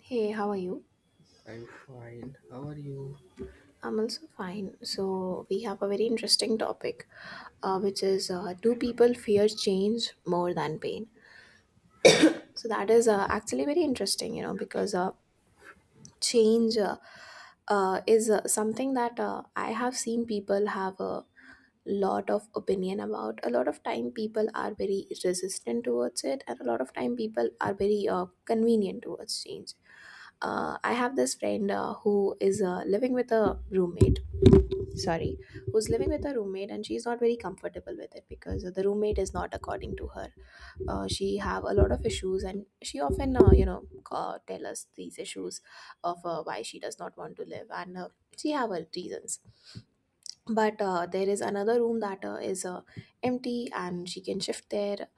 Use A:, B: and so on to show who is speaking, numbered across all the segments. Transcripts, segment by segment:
A: Hey, how are you?
B: I'm fine. How are you?
A: I'm also fine. So, we have a very interesting topic, which is do people fear change more than pain? So, that is actually very interesting, because change is something that I have seen people have a lot of opinion about. A lot of time, people are very resistant towards it, and a lot of time, people are very convenient towards change. I have this friend who is living with a roommate, sorry, who's living with a roommate, and she's not very comfortable with it because the roommate is not according to her. She have a lot of issues, and she often tell us these issues of why she does not want to live. And she have her reasons, but there is another room that is empty and she can shift there,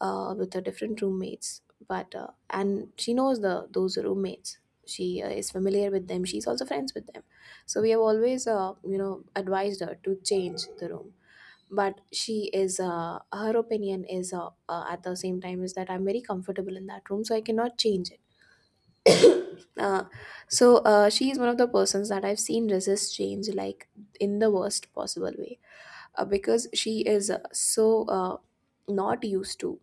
A: with her different roommates. But uh, and she knows the those roommates. She is familiar with them, she's also friends with them. So we have always advised her to change the room. But she is, her opinion is, at the same time is that I'm very comfortable in that room, so I cannot change it. uh, so she is one of the persons that I've seen resist change, like, in the worst possible way. Because she is so not used to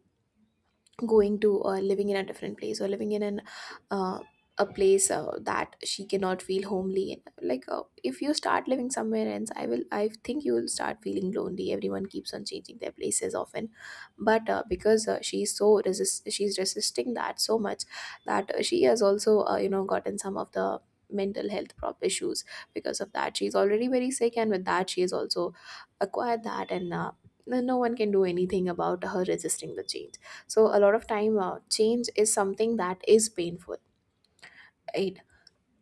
A: going to or living in a different place, or living in an uh, a place that she cannot feel homely in. Like, if you start living somewhere else, I think you will start feeling lonely. Everyone keeps on changing their places often. But because she's resisting that so much, that she has also gotten some of the mental health prop issues because of that. She's already very sick, and with that she has also acquired that. And no one can do anything about her resisting the change. So a lot of time, change is something that is painful, right?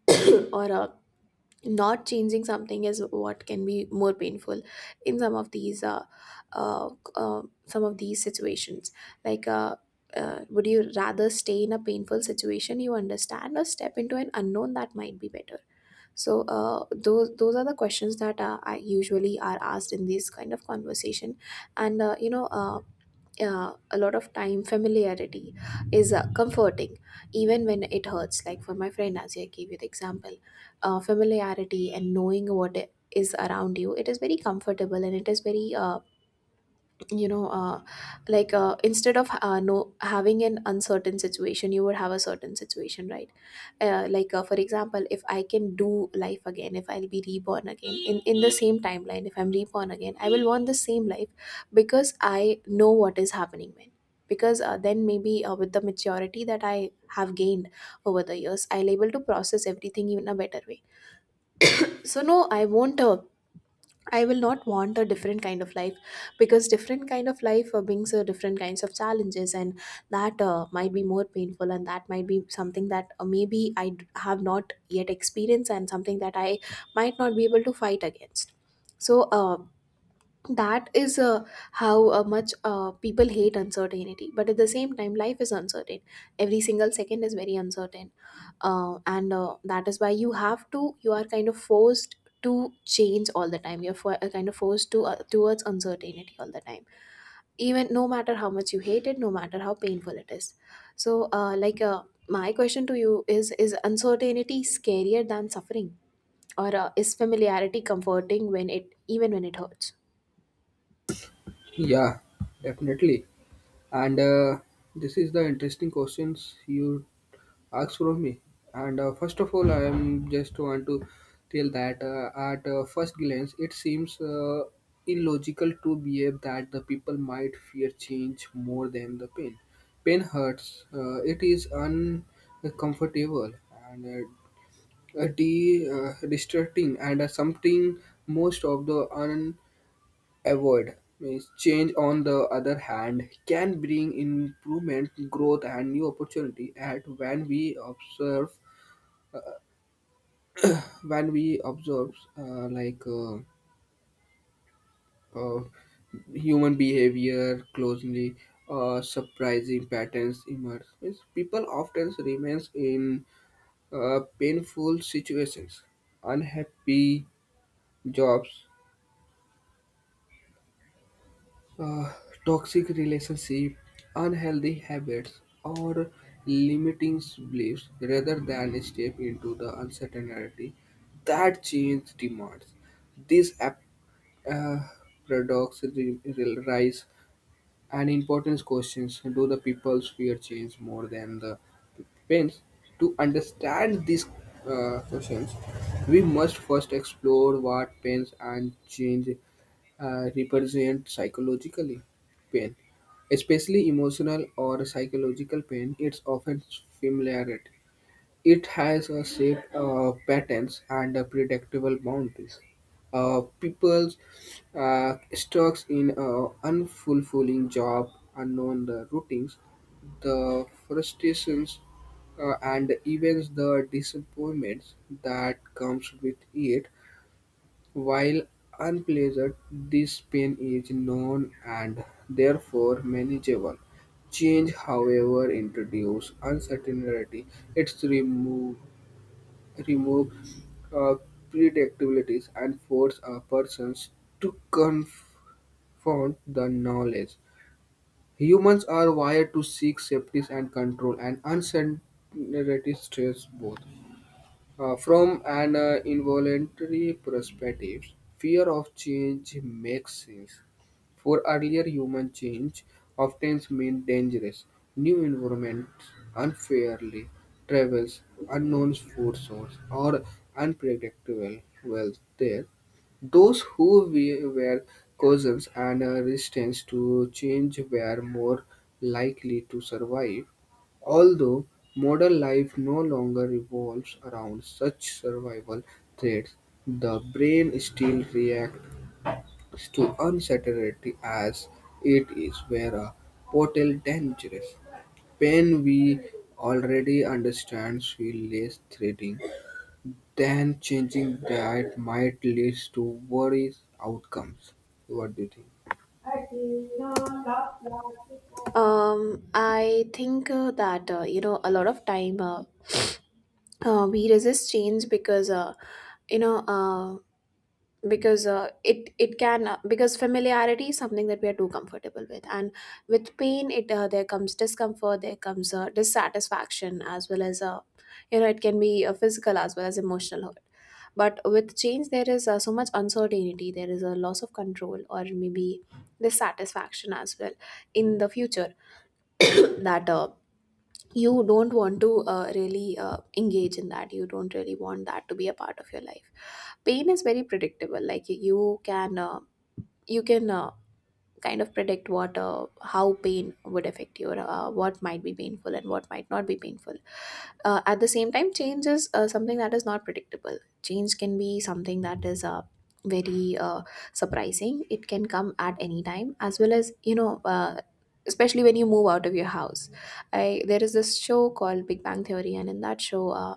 A: Or not changing something is what can be more painful in some of these situations. Like, would you rather stay in a painful situation, you understand, or step into an unknown that might be better? So those are the questions that I usually are asked in these kind of conversation. And a lot of time familiarity is comforting, even when it hurts, like for my friend, as I gave you the example. Familiarity and knowing what is around you, it is very comfortable, and it is very, you know uh, like, instead of, no, having an uncertain situation, you would have a certain situation, right? Like, for example, if I can do life again, if I'll be reborn again, in the same timeline, if I'm reborn again, I will want the same life, because I know what is happening when. Because then maybe with the maturity that I have gained over the years, I'll able to process everything in a better way. So, no, I will not want a different kind of life. Because different kind of life brings different kinds of challenges, and that might be more painful, and that might be something that maybe have not yet experienced, and something that I might not be able to fight against. So that is how much people hate uncertainty. But at the same time, life is uncertain. Every single second is very uncertain, and that is why you have to you are kind of forced to change all the time. You're kind of forced to, towards uncertainty all the time, even, no matter how much you hate it, no matter how painful it is. So like, my question to you is uncertainty scarier than suffering? Or is familiarity comforting when it, even when it hurts?
B: Yeah, definitely. And This is the interesting questions you asked from me. And First of all, I am just want to tell that at first glance, it seems illogical to behave that the people might fear change more than the pain. Pain hurts. It is uncomfortable and distracting and something most of the Avoid. Means change, on the other hand, can bring improvement, growth, and new opportunity. At when we observe, when we observe, uh, like uh, uh, human behavior closely, surprising patterns emerge. Means people often remains in painful situations, unhappy jobs, uh, toxic relationship, unhealthy habits, or limiting beliefs rather than step into the uncertainty that change demands. These ap- uh, Paradoxes rise and important questions do the people's fear change more than the pains? To understand these questions, we must first explore what pains and change represent psychologically. Pain, especially emotional or psychological pain, it's often familiar it has a shape, patterns, and a predictable boundaries. People stuck in an unfulfilling job, unknown the routines, the frustrations, and even the disappointments that comes with it. While unpleasant, this pain is known and therefore manageable. Change, however, introduce uncertainty. It's remove remove uh, predictabilities and force a person to confront the knowledge. Humans are wired to seek safety and control, and uncertainty stresses both. From an involuntary perspective, fear of change makes sense. For earlier human change often meant dangerous, new environments, unfairly travels, unknown food source, or unpredictable wealth there. Those who were cautious and resistant to change were more likely to survive. Although modern life no longer revolves around such survival threats, the brain still reacts to uncertainty as it is where a portal dangerous. Pain we already understand feels less threatening than changing that might lead to worse outcomes. What do you think?
A: I think that a lot of time, we resist change because you know uh. because it it can because familiarity is something that we are too comfortable with. And with pain, it, there comes discomfort, there comes dissatisfaction, as well as, it can be physical as well as emotional hurt. But with change there is so much uncertainty, there is a loss of control, or maybe dissatisfaction as well, in the future, that you don't want to really engage in that. You don't really want that to be a part of your life. Pain is very predictable. Like, you can kind of predict what how pain would affect you, or what might be painful and what might not be painful. At the same time, change is something that is not predictable. Change can be something that is very surprising, it can come at any time, as well as, especially when you move out of your house. There is this show called Big Bang Theory, and in that show,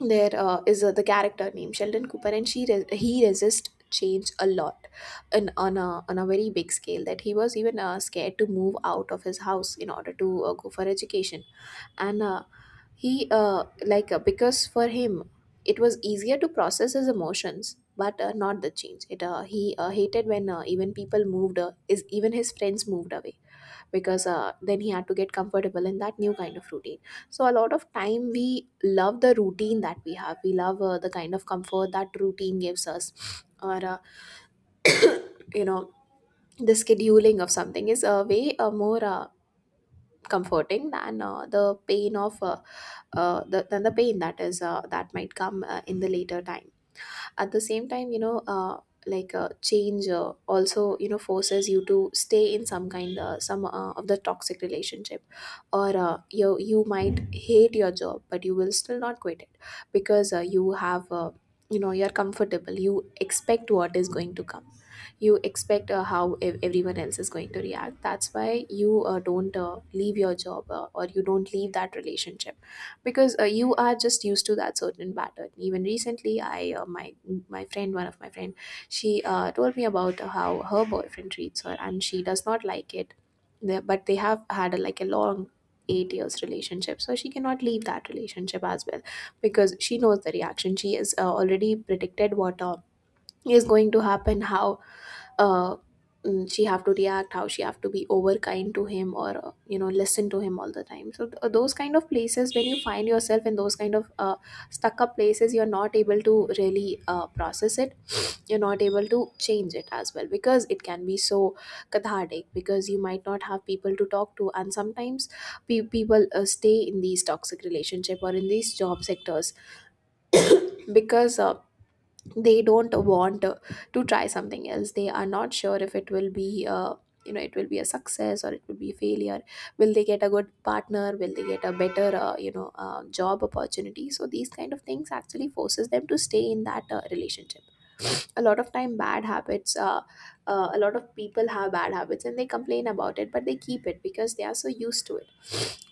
A: there is the character named Sheldon Cooper, and he resists change a lot. On a very big scale, that he was even scared to move out of his house in order to go for education. And he like, because for him it was easier to process his emotions, but not the change. It uh, he uh, hated when, even people moved, is even his friends moved away. Because then he had to get comfortable in that new kind of routine. So a lot of time we love the routine that we have, we love the kind of comfort that routine gives us. Or you know the scheduling of something is way more comforting than the pain of, than the pain that is, that might come in the later time. At the same time, like, change also, forces you to stay in some, of the toxic relationship. Or you might hate your job, but you will still not quit it. Because you're comfortable, you expect what is going to come. You expect how everyone else is going to react. That's why you don't leave your job, or you don't leave that relationship. Because you are just used to that certain pattern. Even recently, I my friend, one of my friend, she told me about how her boyfriend treats her and she does not like it. But they have had a, like, a long 8 years relationship, so she cannot leave that relationship as well. Because she knows the reaction, she is already predicted what is going to happen, how uh, she have to react, how she have to be over kind to him, or listen to him all the time. So those kind of places, when you find yourself in those kind of stuck up places, you're not able to really process it. You're not able to change it as well, because it can be so cathartic, because you might not have people to talk to. And sometimes people stay in these toxic relationship or in these job sectors. Because they don't want to try something else. They are not sure if it will be, it will be a success or it will be a failure. Will they get a good partner? Will they get a better, job opportunity? So these kind of things actually forces them to stay in that relationship. a lot of time bad habits uh, a lot of people have bad habits, and they complain about it, but they keep it because they are so used to it.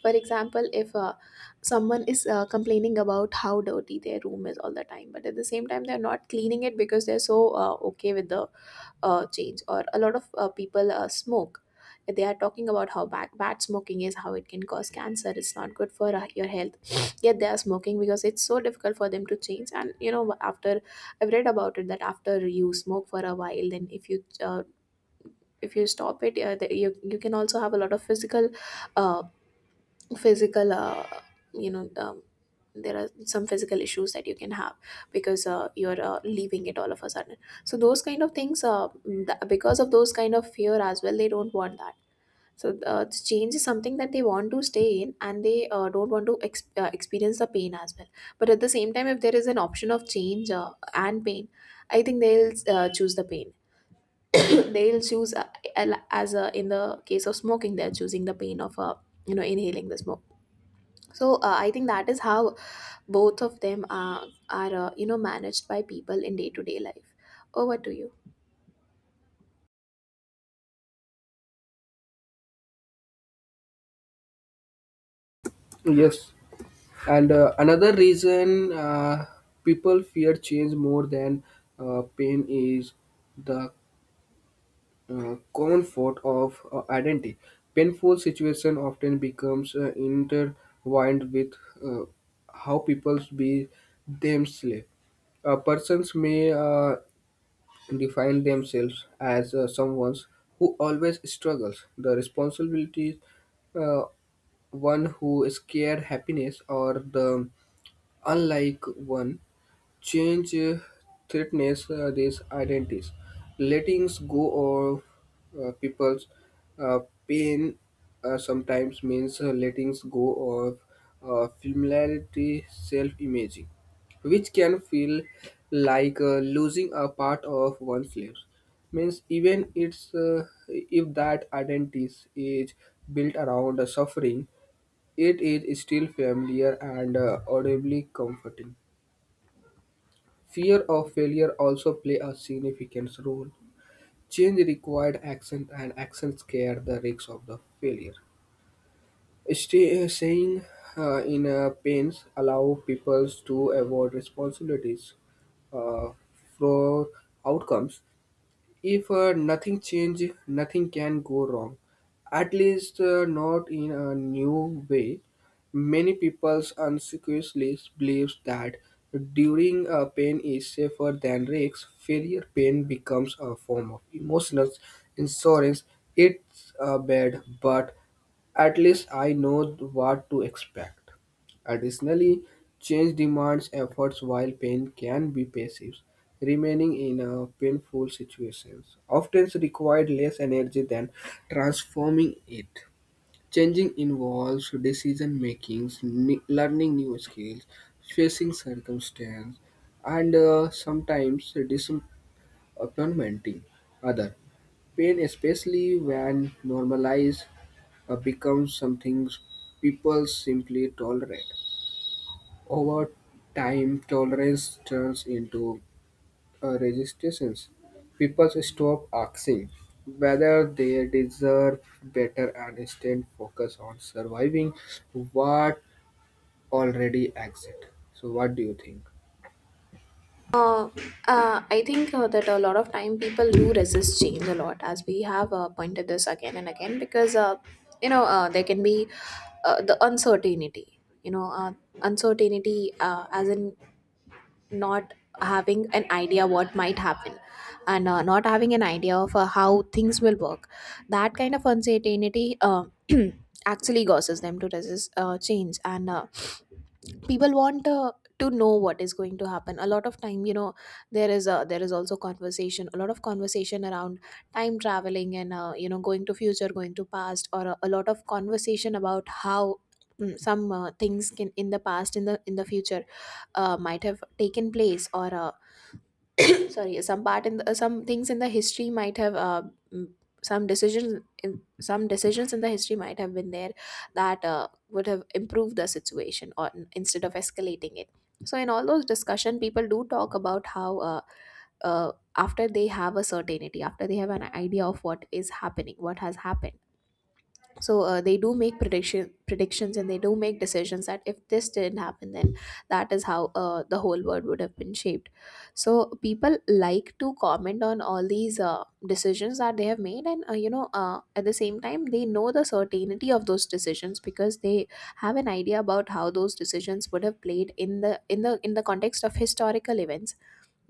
A: For example, if someone is complaining about how dirty their room is all the time, but at the same time, they're not cleaning it because they're so okay with the change. Or a lot of people smoke. They are talking about how bad, bad smoking is, how it can cause cancer, it's not good for your health. Yet they are smoking because it's so difficult for them to change. And you know, after I've read about it, that after you smoke for a while, then if you stop it, the, you can also have a lot of physical uh, physical uh, you know um, there are some physical issues that you can have because you're leaving it all of a sudden. So those kind of things because of those kind of fear as well, they don't want that. So the change is something that they want to stay in, and they don't want to experience the pain as well. But at the same time, if there is an option of change and pain, I think they'll choose the pain. they'll choose al- as In the case of smoking, they're choosing the pain of inhaling the smoke. So I think that is how both of them are managed by people in day to day life. Over to you.
B: Yes. And Another reason people fear change more than pain is the comfort of identity. Painful situation often becomes intertwined with uh, how people be themselves. A persons may define themselves as someone who always struggles. The responsibilities uh, one who is scared happiness or the Unlike one, change threatens these identities. Letting go of people's uh, pain sometimes means letting go of familiarity, self-image, which can feel like losing a part of one's lives. Means even it's if that identity is built around the suffering it is still familiar and audibly comforting. Fear of failure also play a significant role. Change required action and action scare the risks of the failure. Saying in pains allow people to avoid responsibilities uh, for outcomes If nothing change, nothing can go wrong. At least not in a new way. Many people unconsciously believes that during a pain is safer than risks. Failure pain becomes a form of emotional insurance. It's bad, but at least I know what to expect. Additionally, change demands efforts while pain can be passive. Remaining in a painful situation often requires less energy than transforming it. Changing involves decision making, learning new skills, facing circumstance, and sometimes disappointing other. Pain, especially when normalized, becomes something people simply tolerate. Over time, tolerance turns into a resistance. People stop asking whether they deserve better and instead focus on surviving what already exists. So, what do you think?
A: uh, I think that a lot of time people do resist change a lot, as we have pointed this again and again, because there can be the uncertainty. You know, uncertainty as in not having an idea what might happen, and not having an idea of how things will work. That kind of uncertainty actually causes them to resist change. And people want to know what is going to happen a lot of time. You know, there is also conversation, a lot of conversation around time traveling, and going to future, going to past. Or a lot of conversation about how mm, some things can in the past, in the future might have taken place. Or sorry, some part in some things in the history might have mm, some decisions in the history might have been there that would have improved the situation or n- instead of escalating it. So in all those discussion, people do talk about how after they have a certainty, after they have an idea of what is happening, what has happened. So they do make predictions, and they do make decisions that if this didn't happen, then that is how the whole world would have been shaped. So people like to comment on all these decisions that they have made. And at the same time, they know the certainty of those decisions because they have an idea about how those decisions would have played in the in the in the context of historical events.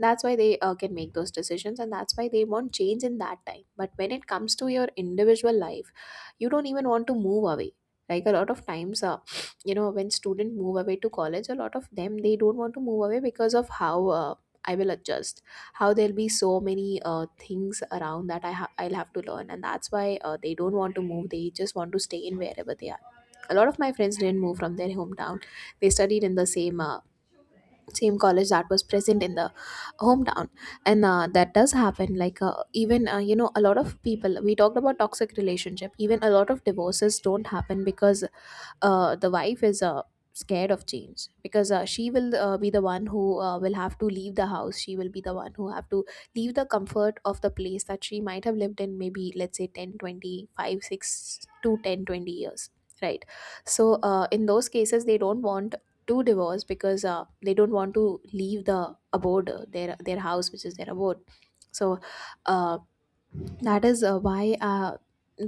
A: That's why they can make those decisions, and that's why they want change in that time. But when it comes to your individual life, you don't even want to move away. Like, a lot of times, you know, when students move away to college, a lot of them, they don't want to move away because of how I will adjust, how there'll be so many things around that I'll have to learn. And that's why they don't want to move, they just want to stay in wherever they are. A lot of my friends didn't move from their hometown. They studied in the same college that was present in the hometown. And that does happen. Like even you know a lot of people, we talked about toxic relationship. Even a lot of divorces don't happen because the wife is scared of change, because she will be the one who will have to leave the house. She will be the one who have to leave the comfort of the place that she might have lived in, maybe let's say ten, twenty, five 6 to 10, 20 years, right? So in those cases, they don't want to divorce because they don't want to leave the abode, their house, which is their abode. So, um, that is why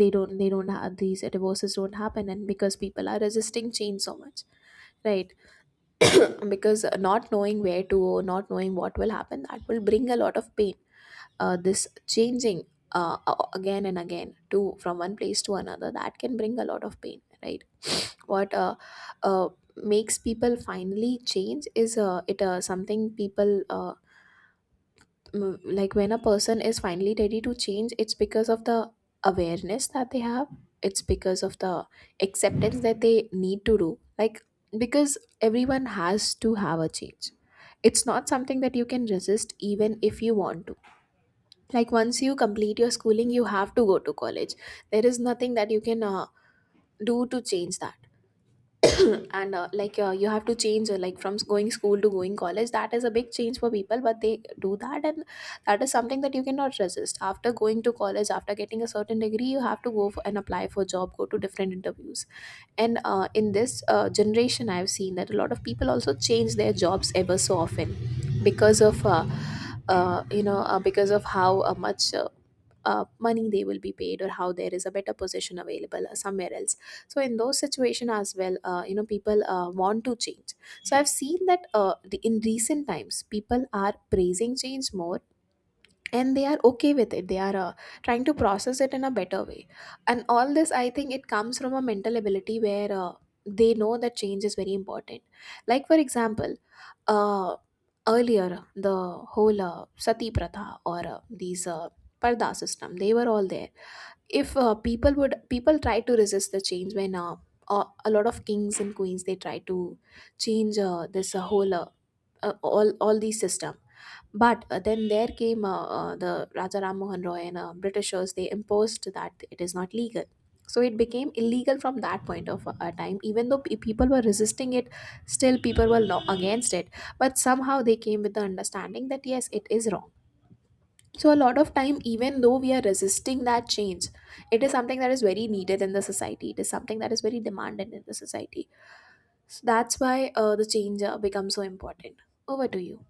A: they don't have these divorces don't happen, and because people are resisting change so much, right? Because not knowing where to go, not knowing what will happen, that will bring a lot of pain. This changing again and again to from one place to another, that can bring a lot of pain, right? What uh, makes people finally change is it something like when a person is finally ready to change, it's because of the awareness that they have. It's because of the acceptance that they need to do. Like, because everyone has to have a change, it's not something that you can resist, even if you want to. Like, once you complete your schooling, you have to go to college. There is nothing that you can do to change that. And you have to change, like going school to going college. That is a big change for people, but they do that. And that is something that you cannot resist. After going to college, after getting a certain degree, you have to go for and apply for job, go to different interviews. And in this generation, I've seen that a lot of people also change their jobs ever so often, because of because of how much money they will be paid, or how there is a better position available somewhere else. So in those situation as well, people want to change. So I've seen that in recent times, people are praising change more, and they are okay with it. They are trying to process it in a better way. And all this, I think it comes from a mental ability where they know that change is very important. Like, for example, uh, earlier, the whole sati pratha, or these parda system, they were all there. If people try to resist the change when a lot of kings and queens, they try to change this whole all these system. But then there came the Raja Ram Mohan Roy and Britishers. They imposed that it is not legal. So it became illegal from that point of time. Even though people were resisting it, still people were lo- against it. But somehow they came with the understanding that yes, it is wrong. So a lot of time, even though we are resisting that change, it is something that is very needed in the society. It is something that is very demanded in the society. So that's why the change becomes so important. Over to you.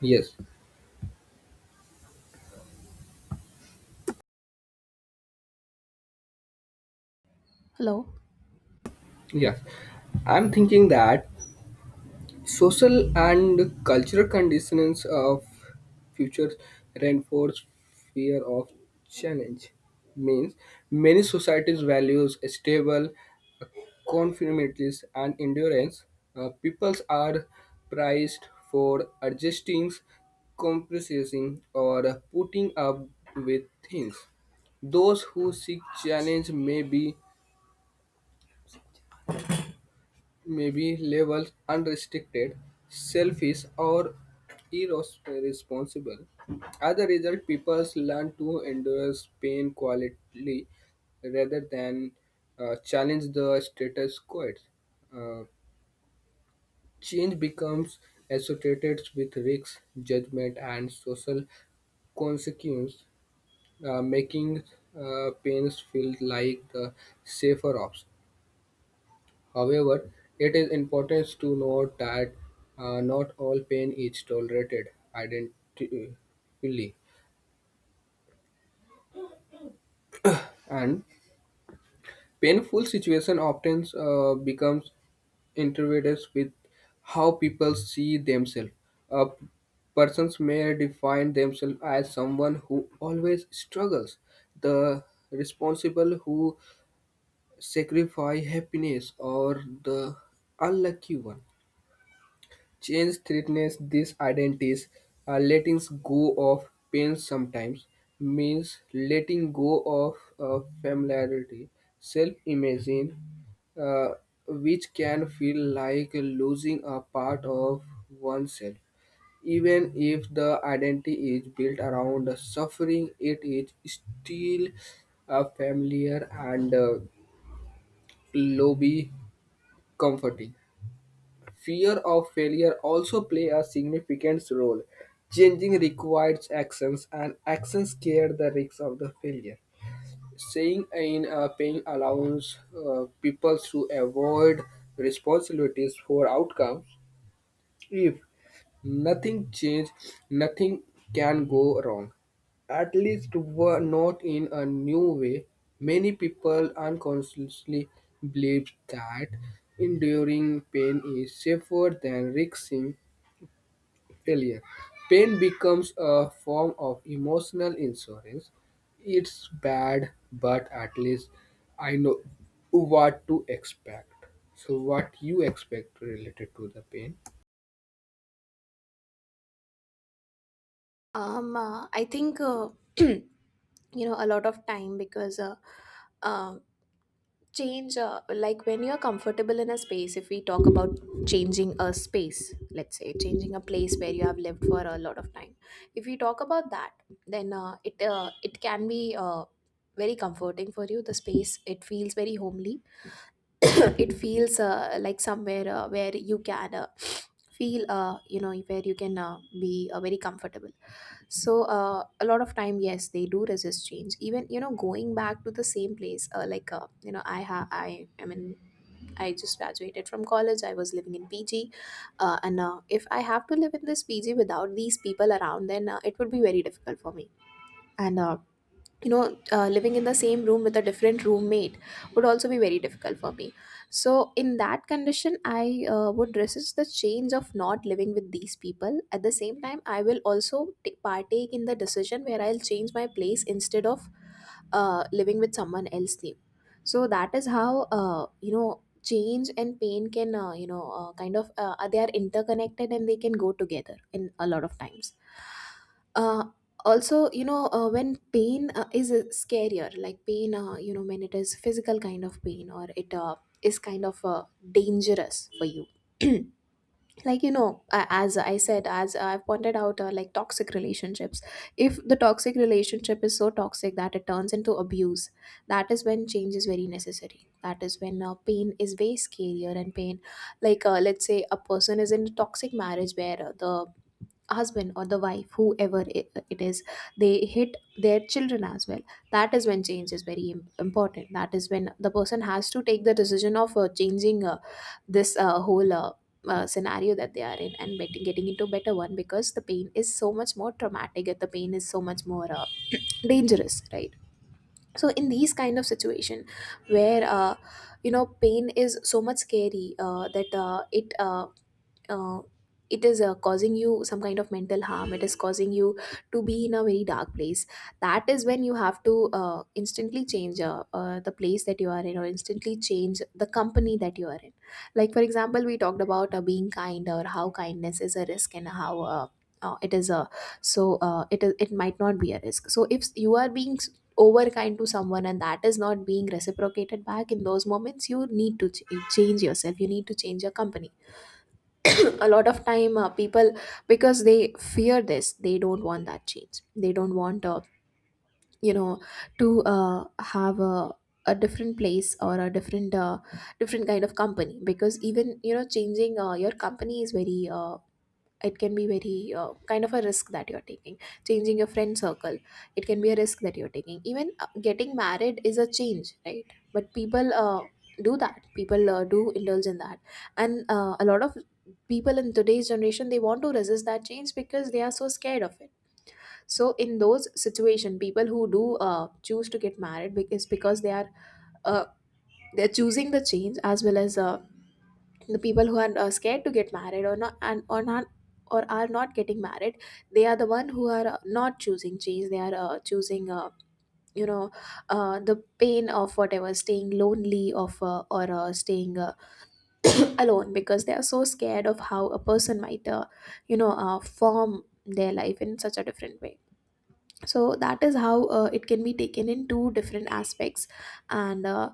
B: Yes,
A: Hello.
B: yes. I'm thinking that Social and cultural conditions of future reinforce fear of challenge. Means many societies values stable conformities and endurance. Peoples are prized for adjusting, compromising, or putting up with things. Those who seek challenge may be labeled unrestricted, selfish, or irresponsible. As a result, people learn to endure pain quietly rather than challenge the status quo. Uh, Change becomes associated with risks, judgment, and social consequence, making pains feel like the safer option. However, it is important to note that not all pain is tolerated identically, and painful situation often becomes intertwined with how people see themselves. A persons may define themselves as someone who always struggles, the responsible who sacrifice happiness, or the unlucky one Change threatens these identities. Letting go of pain sometimes means letting go of familiarity, self-image, uh, which can feel like losing a part of oneself. Even if the identity is built around suffering, it is still familiar and lobby comforting. Fear of failure also play a significant role. Changing requires actions and actions scare the risk of the failure. Saying in paying allows people to avoid responsibilities for outcomes if nothing changes, nothing can go wrong. At least were not in a new way. Many people unconsciously believe that enduring pain is safer than risking failure. Pain becomes a form of emotional insurance. It's bad, but at least I know what to expect. So, what you expect related to the pain?
A: I think you know, a lot of time because uh, change, like when you're comfortable in a space. If we talk about changing a space, let's say changing a place where you have lived for a lot of time. If we talk about that, then it can be very comforting for you. The space, it feels very homely. It feels like somewhere where you can feel where you can be very comfortable. So a lot of time, yes, they do resist change, even, you know, going back to the same place. Uh, like you know I ha I mean, I just graduated from college, I was living in PG. And if I have to live in this PG without these people around, then it would be very difficult for me. And living in the same room with a different roommate would also be very difficult for me. So in that condition, I would resist the change of not living with these people. At the same time, I will also t- partake in the decision where I'll change my place instead of living with someone else new. So that is how, change and pain can, kind of, they are interconnected, and they can go together in a lot of times. Uh, also, you know, when pain is scarier, like pain, when it is physical kind of pain, or it is kind of dangerous for you. Like, you know, as I said, as I pointed out, like toxic relationships, if the toxic relationship is so toxic that it turns into abuse, that is when change is very necessary. That is when pain is way scarier, and pain, let's say a person is in a toxic marriage where the husband or the wife, whoever it is, they hit their children as well. That is when change is very important. That is when the person has to take the decision of changing this whole scenario that they are in and getting into better one, because the pain is so much more traumatic and the pain is so much more dangerous, right? So in these kind of situation where, pain is so much scary that it uh, it is causing you some kind of mental harm, it is causing you to be in a very dark place. That is when you have to instantly change the place that you are in, or instantly change the company that you are in. Like for example, we talked about being kind, or how kindness is a risk, and how it is a, so it is, it might not be a risk. So if you are being over kind to someone and that is not being reciprocated back, in those moments you need to change yourself, you need to change your company. A lot of time people, because they fear this, they don't want that change. They don't want you know to have a different place or a different different kind of company, because even you know, changing your company is very it can be very kind of a risk that you're taking. Changing your friend circle, it can be a risk that you're taking. Even getting married is a change, right? But people do that, people do indulge in that. And a lot of people in today's generation, they want to resist that change because they are so scared of it. So in those situation, people who do choose to get married, because they are uh, they're choosing the change, as well as the people who are scared to get married or not, and or not, or are not getting married, they are the one who are not choosing change. They are choosing you know the pain of whatever, staying lonely, of or staying alone, because they are so scared of how a person might form their life in such a different way. So that is how it can be taken in two different aspects, and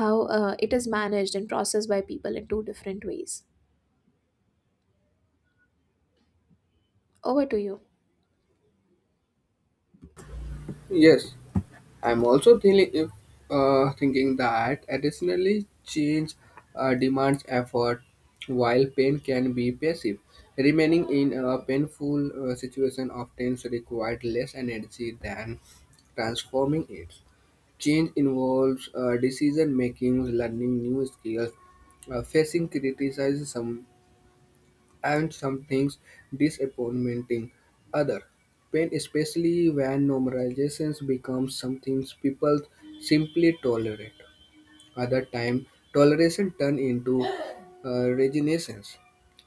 A: how it is managed and processed by people in two different ways. Over to you.
B: Yes. I'm also thinking if thinking that additionally change demands effort, while pain can be passive. Remaining in a painful situation often requires less energy than transforming it. Change involves decision making, learning new skills, facing criticism, and some things disappointing other. Pain, especially when normalizations becomes something people simply tolerate. Other time, toleration turn into resignations.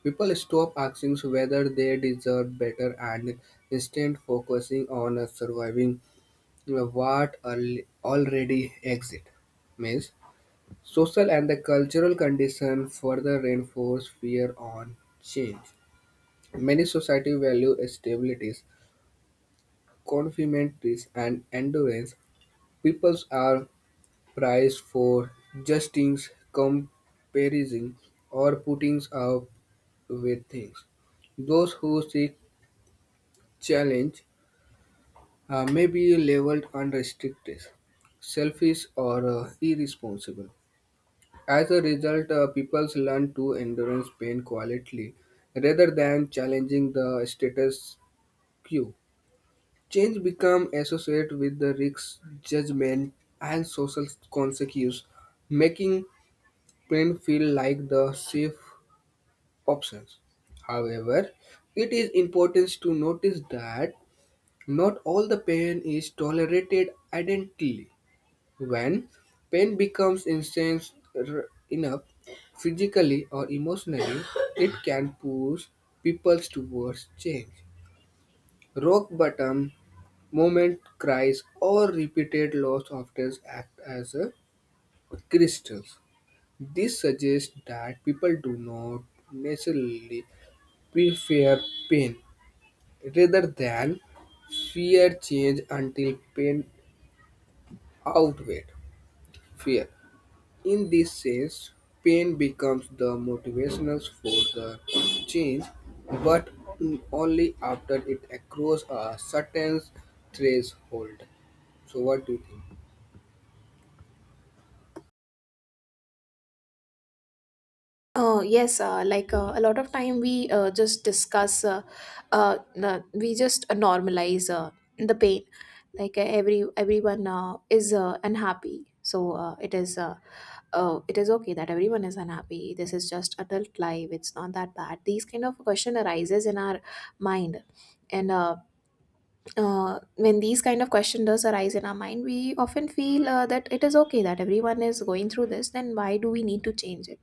B: People stop asking whether they deserve better and instead focusing on surviving what already exists. Means social and the cultural condition further reinforce fear on change. Many society value stability, confidence, and endurance. Peoples are prized for justing, comparing, or putting up with things. Those who seek challenge may be labeled unrestricted, selfish, or irresponsible. As a result, peoples learn to endurance pain quietly rather than challenging the status quo. Change become associated with the risk, judgment, and social consequences, making print feel like the safe options. However, it is important to notice that not all the pain is tolerated identically. When pain becomes enough physically or emotionally, it can push people towards change. Rock bottom Moment cries, or repeated loss often act as a crystals. This suggests that people do not necessarily prefer pain rather than fear change until pain outweighs fear. In this sense, pain becomes the motivational for the change, but only after it across a certain threshold. So what do you think?
A: Yes, a lot of time we just discuss, we just normalize the pain. Everyone is unhappy, so it is okay that everyone is unhappy. This is just adult life; it's not that bad. These kind of question arises in our mind, and when these kind of question does arise in our mind, we often feel that it is okay that everyone is going through this. Then why do we need to change it?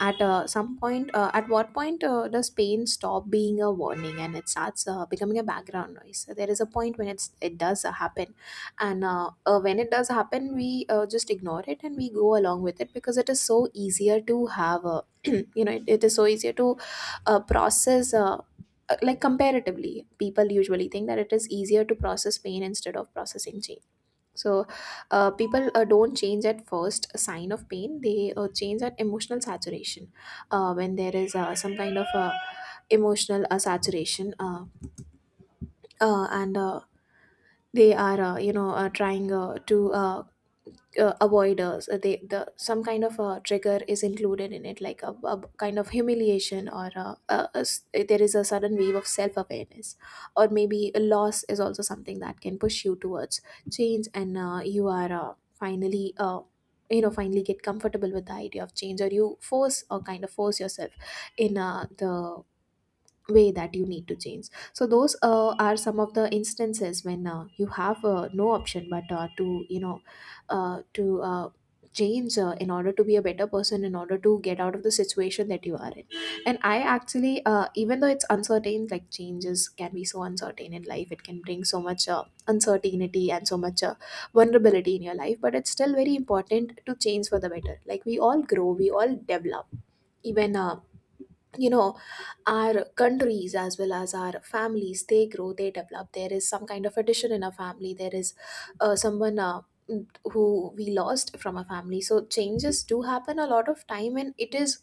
A: At some point, at what point does pain stop being a warning and it starts becoming a background noise? So there is a point when it does happen, and when it does happen, we just ignore it and we go along with it, because it is so easier to have a you know it is so easier to process comparatively people usually think that it is easier to process pain instead of processing change. So, people don't change at first sign of pain. They change at emotional saturation. When there is some kind of emotional saturation, and they are, trying to avoiders they the some kind of a trigger is included in it, like a kind of humiliation, or there is a sudden wave of self awareness, or maybe a loss is also something that can push you towards change. And you are finally finally get comfortable with the idea of change, or you force or kind of force yourself in the way that you need to change. So those are some of the instances when you have no option but to you know to change in order to be a better person, in order to get out of the situation that you are in. And I actually even though it's uncertain, like changes can be so uncertain in life, it can bring so much uncertainty and so much vulnerability in your life, but it's still very important to change for the better. Like we all grow, we all develop. Even you know our countries as well as our families, they grow, they develop. There is some kind of addition in a family, there is someone who we lost from a family. So changes do happen a lot of time, and it is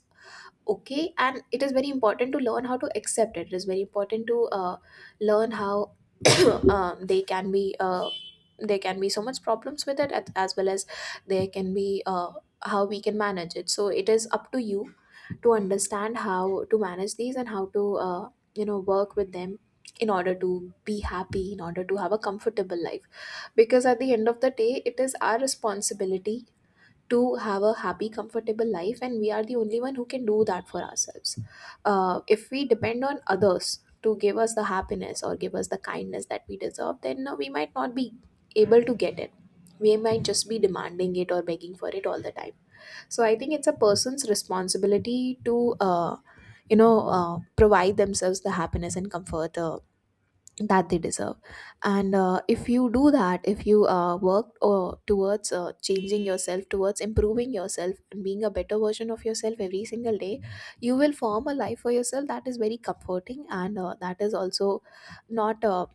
A: okay, and it is very important to learn how to accept it. It is very important to learn how they can be there can be so much problems with it, as well as there can be how we can manage it. So it is up to you to understand how to manage these and how to work with them, in order to be happy, in order to have a comfortable life, because at the end of the day, it is our responsibility to have a happy comfortable life, and we are the only one who can do that for ourselves. If we depend on others to give us the happiness or give us the kindness that we deserve, then we might not be able to get it. We might just be demanding it or begging for it all the time. So I think it's a person's responsibility to uh, provide themselves the happiness and comfort that they deserve. And if you do that, if you work towards changing yourself, towards improving yourself and being a better version of yourself every single day, you will form a life for yourself that is very comforting, and that is also not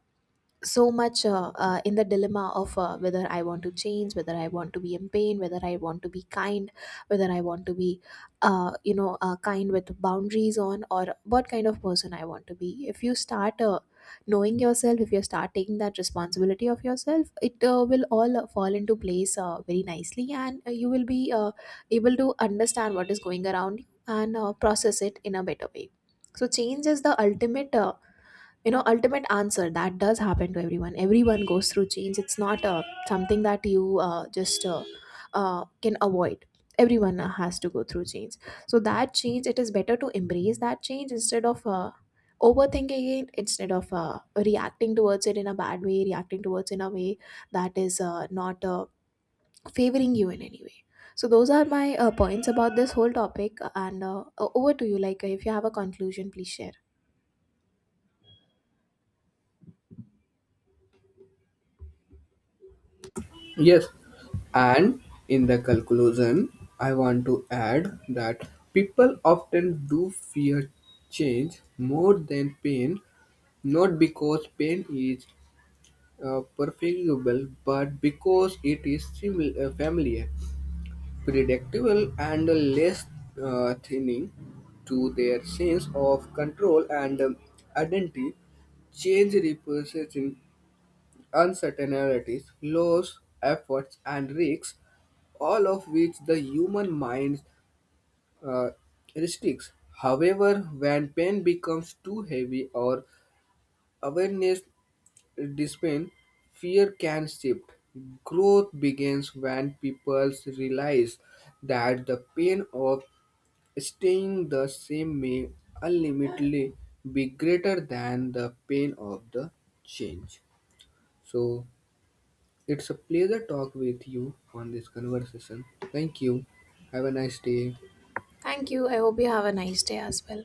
A: so much in the dilemma of whether I want to change, whether I want to be in pain, whether I want to be kind, whether I want to be, kind with boundaries on, or what kind of person I want to be. If you start knowing yourself, if you start taking that responsibility of yourself, it will all fall into place very nicely, and you will be able to understand what is going around you, and process it in a better way. So change is the ultimate. Ultimate answer that does happen to everyone. Everyone goes through change. It's not something that you just can avoid. Everyone has to go through change. So that change, it is better to embrace that change instead of overthinking it, instead of reacting towards it in a bad way, reacting towards in a way that is not favoring you in any way. So those are my points about this whole topic. And over to you, like if you have a conclusion, please share.
B: Yes, and in the conclusion, I want to add that people often do fear change more than pain, not because pain is preferable, but because it is familiar, predictable, and less thinning to their sense of control and identity. Change represents uncertainties, loss, efforts, and risks, all of which the human mind uh, restricts. However, when pain becomes too heavy or awareness dissipates, fear can shift. Growth begins when people realize that the pain of staying the same may ultimately be greater than the pain of the change. So, It's a pleasure talk with you on this conversation. Thank you. Have a nice day.
A: Thank you. I hope you have a nice day as well.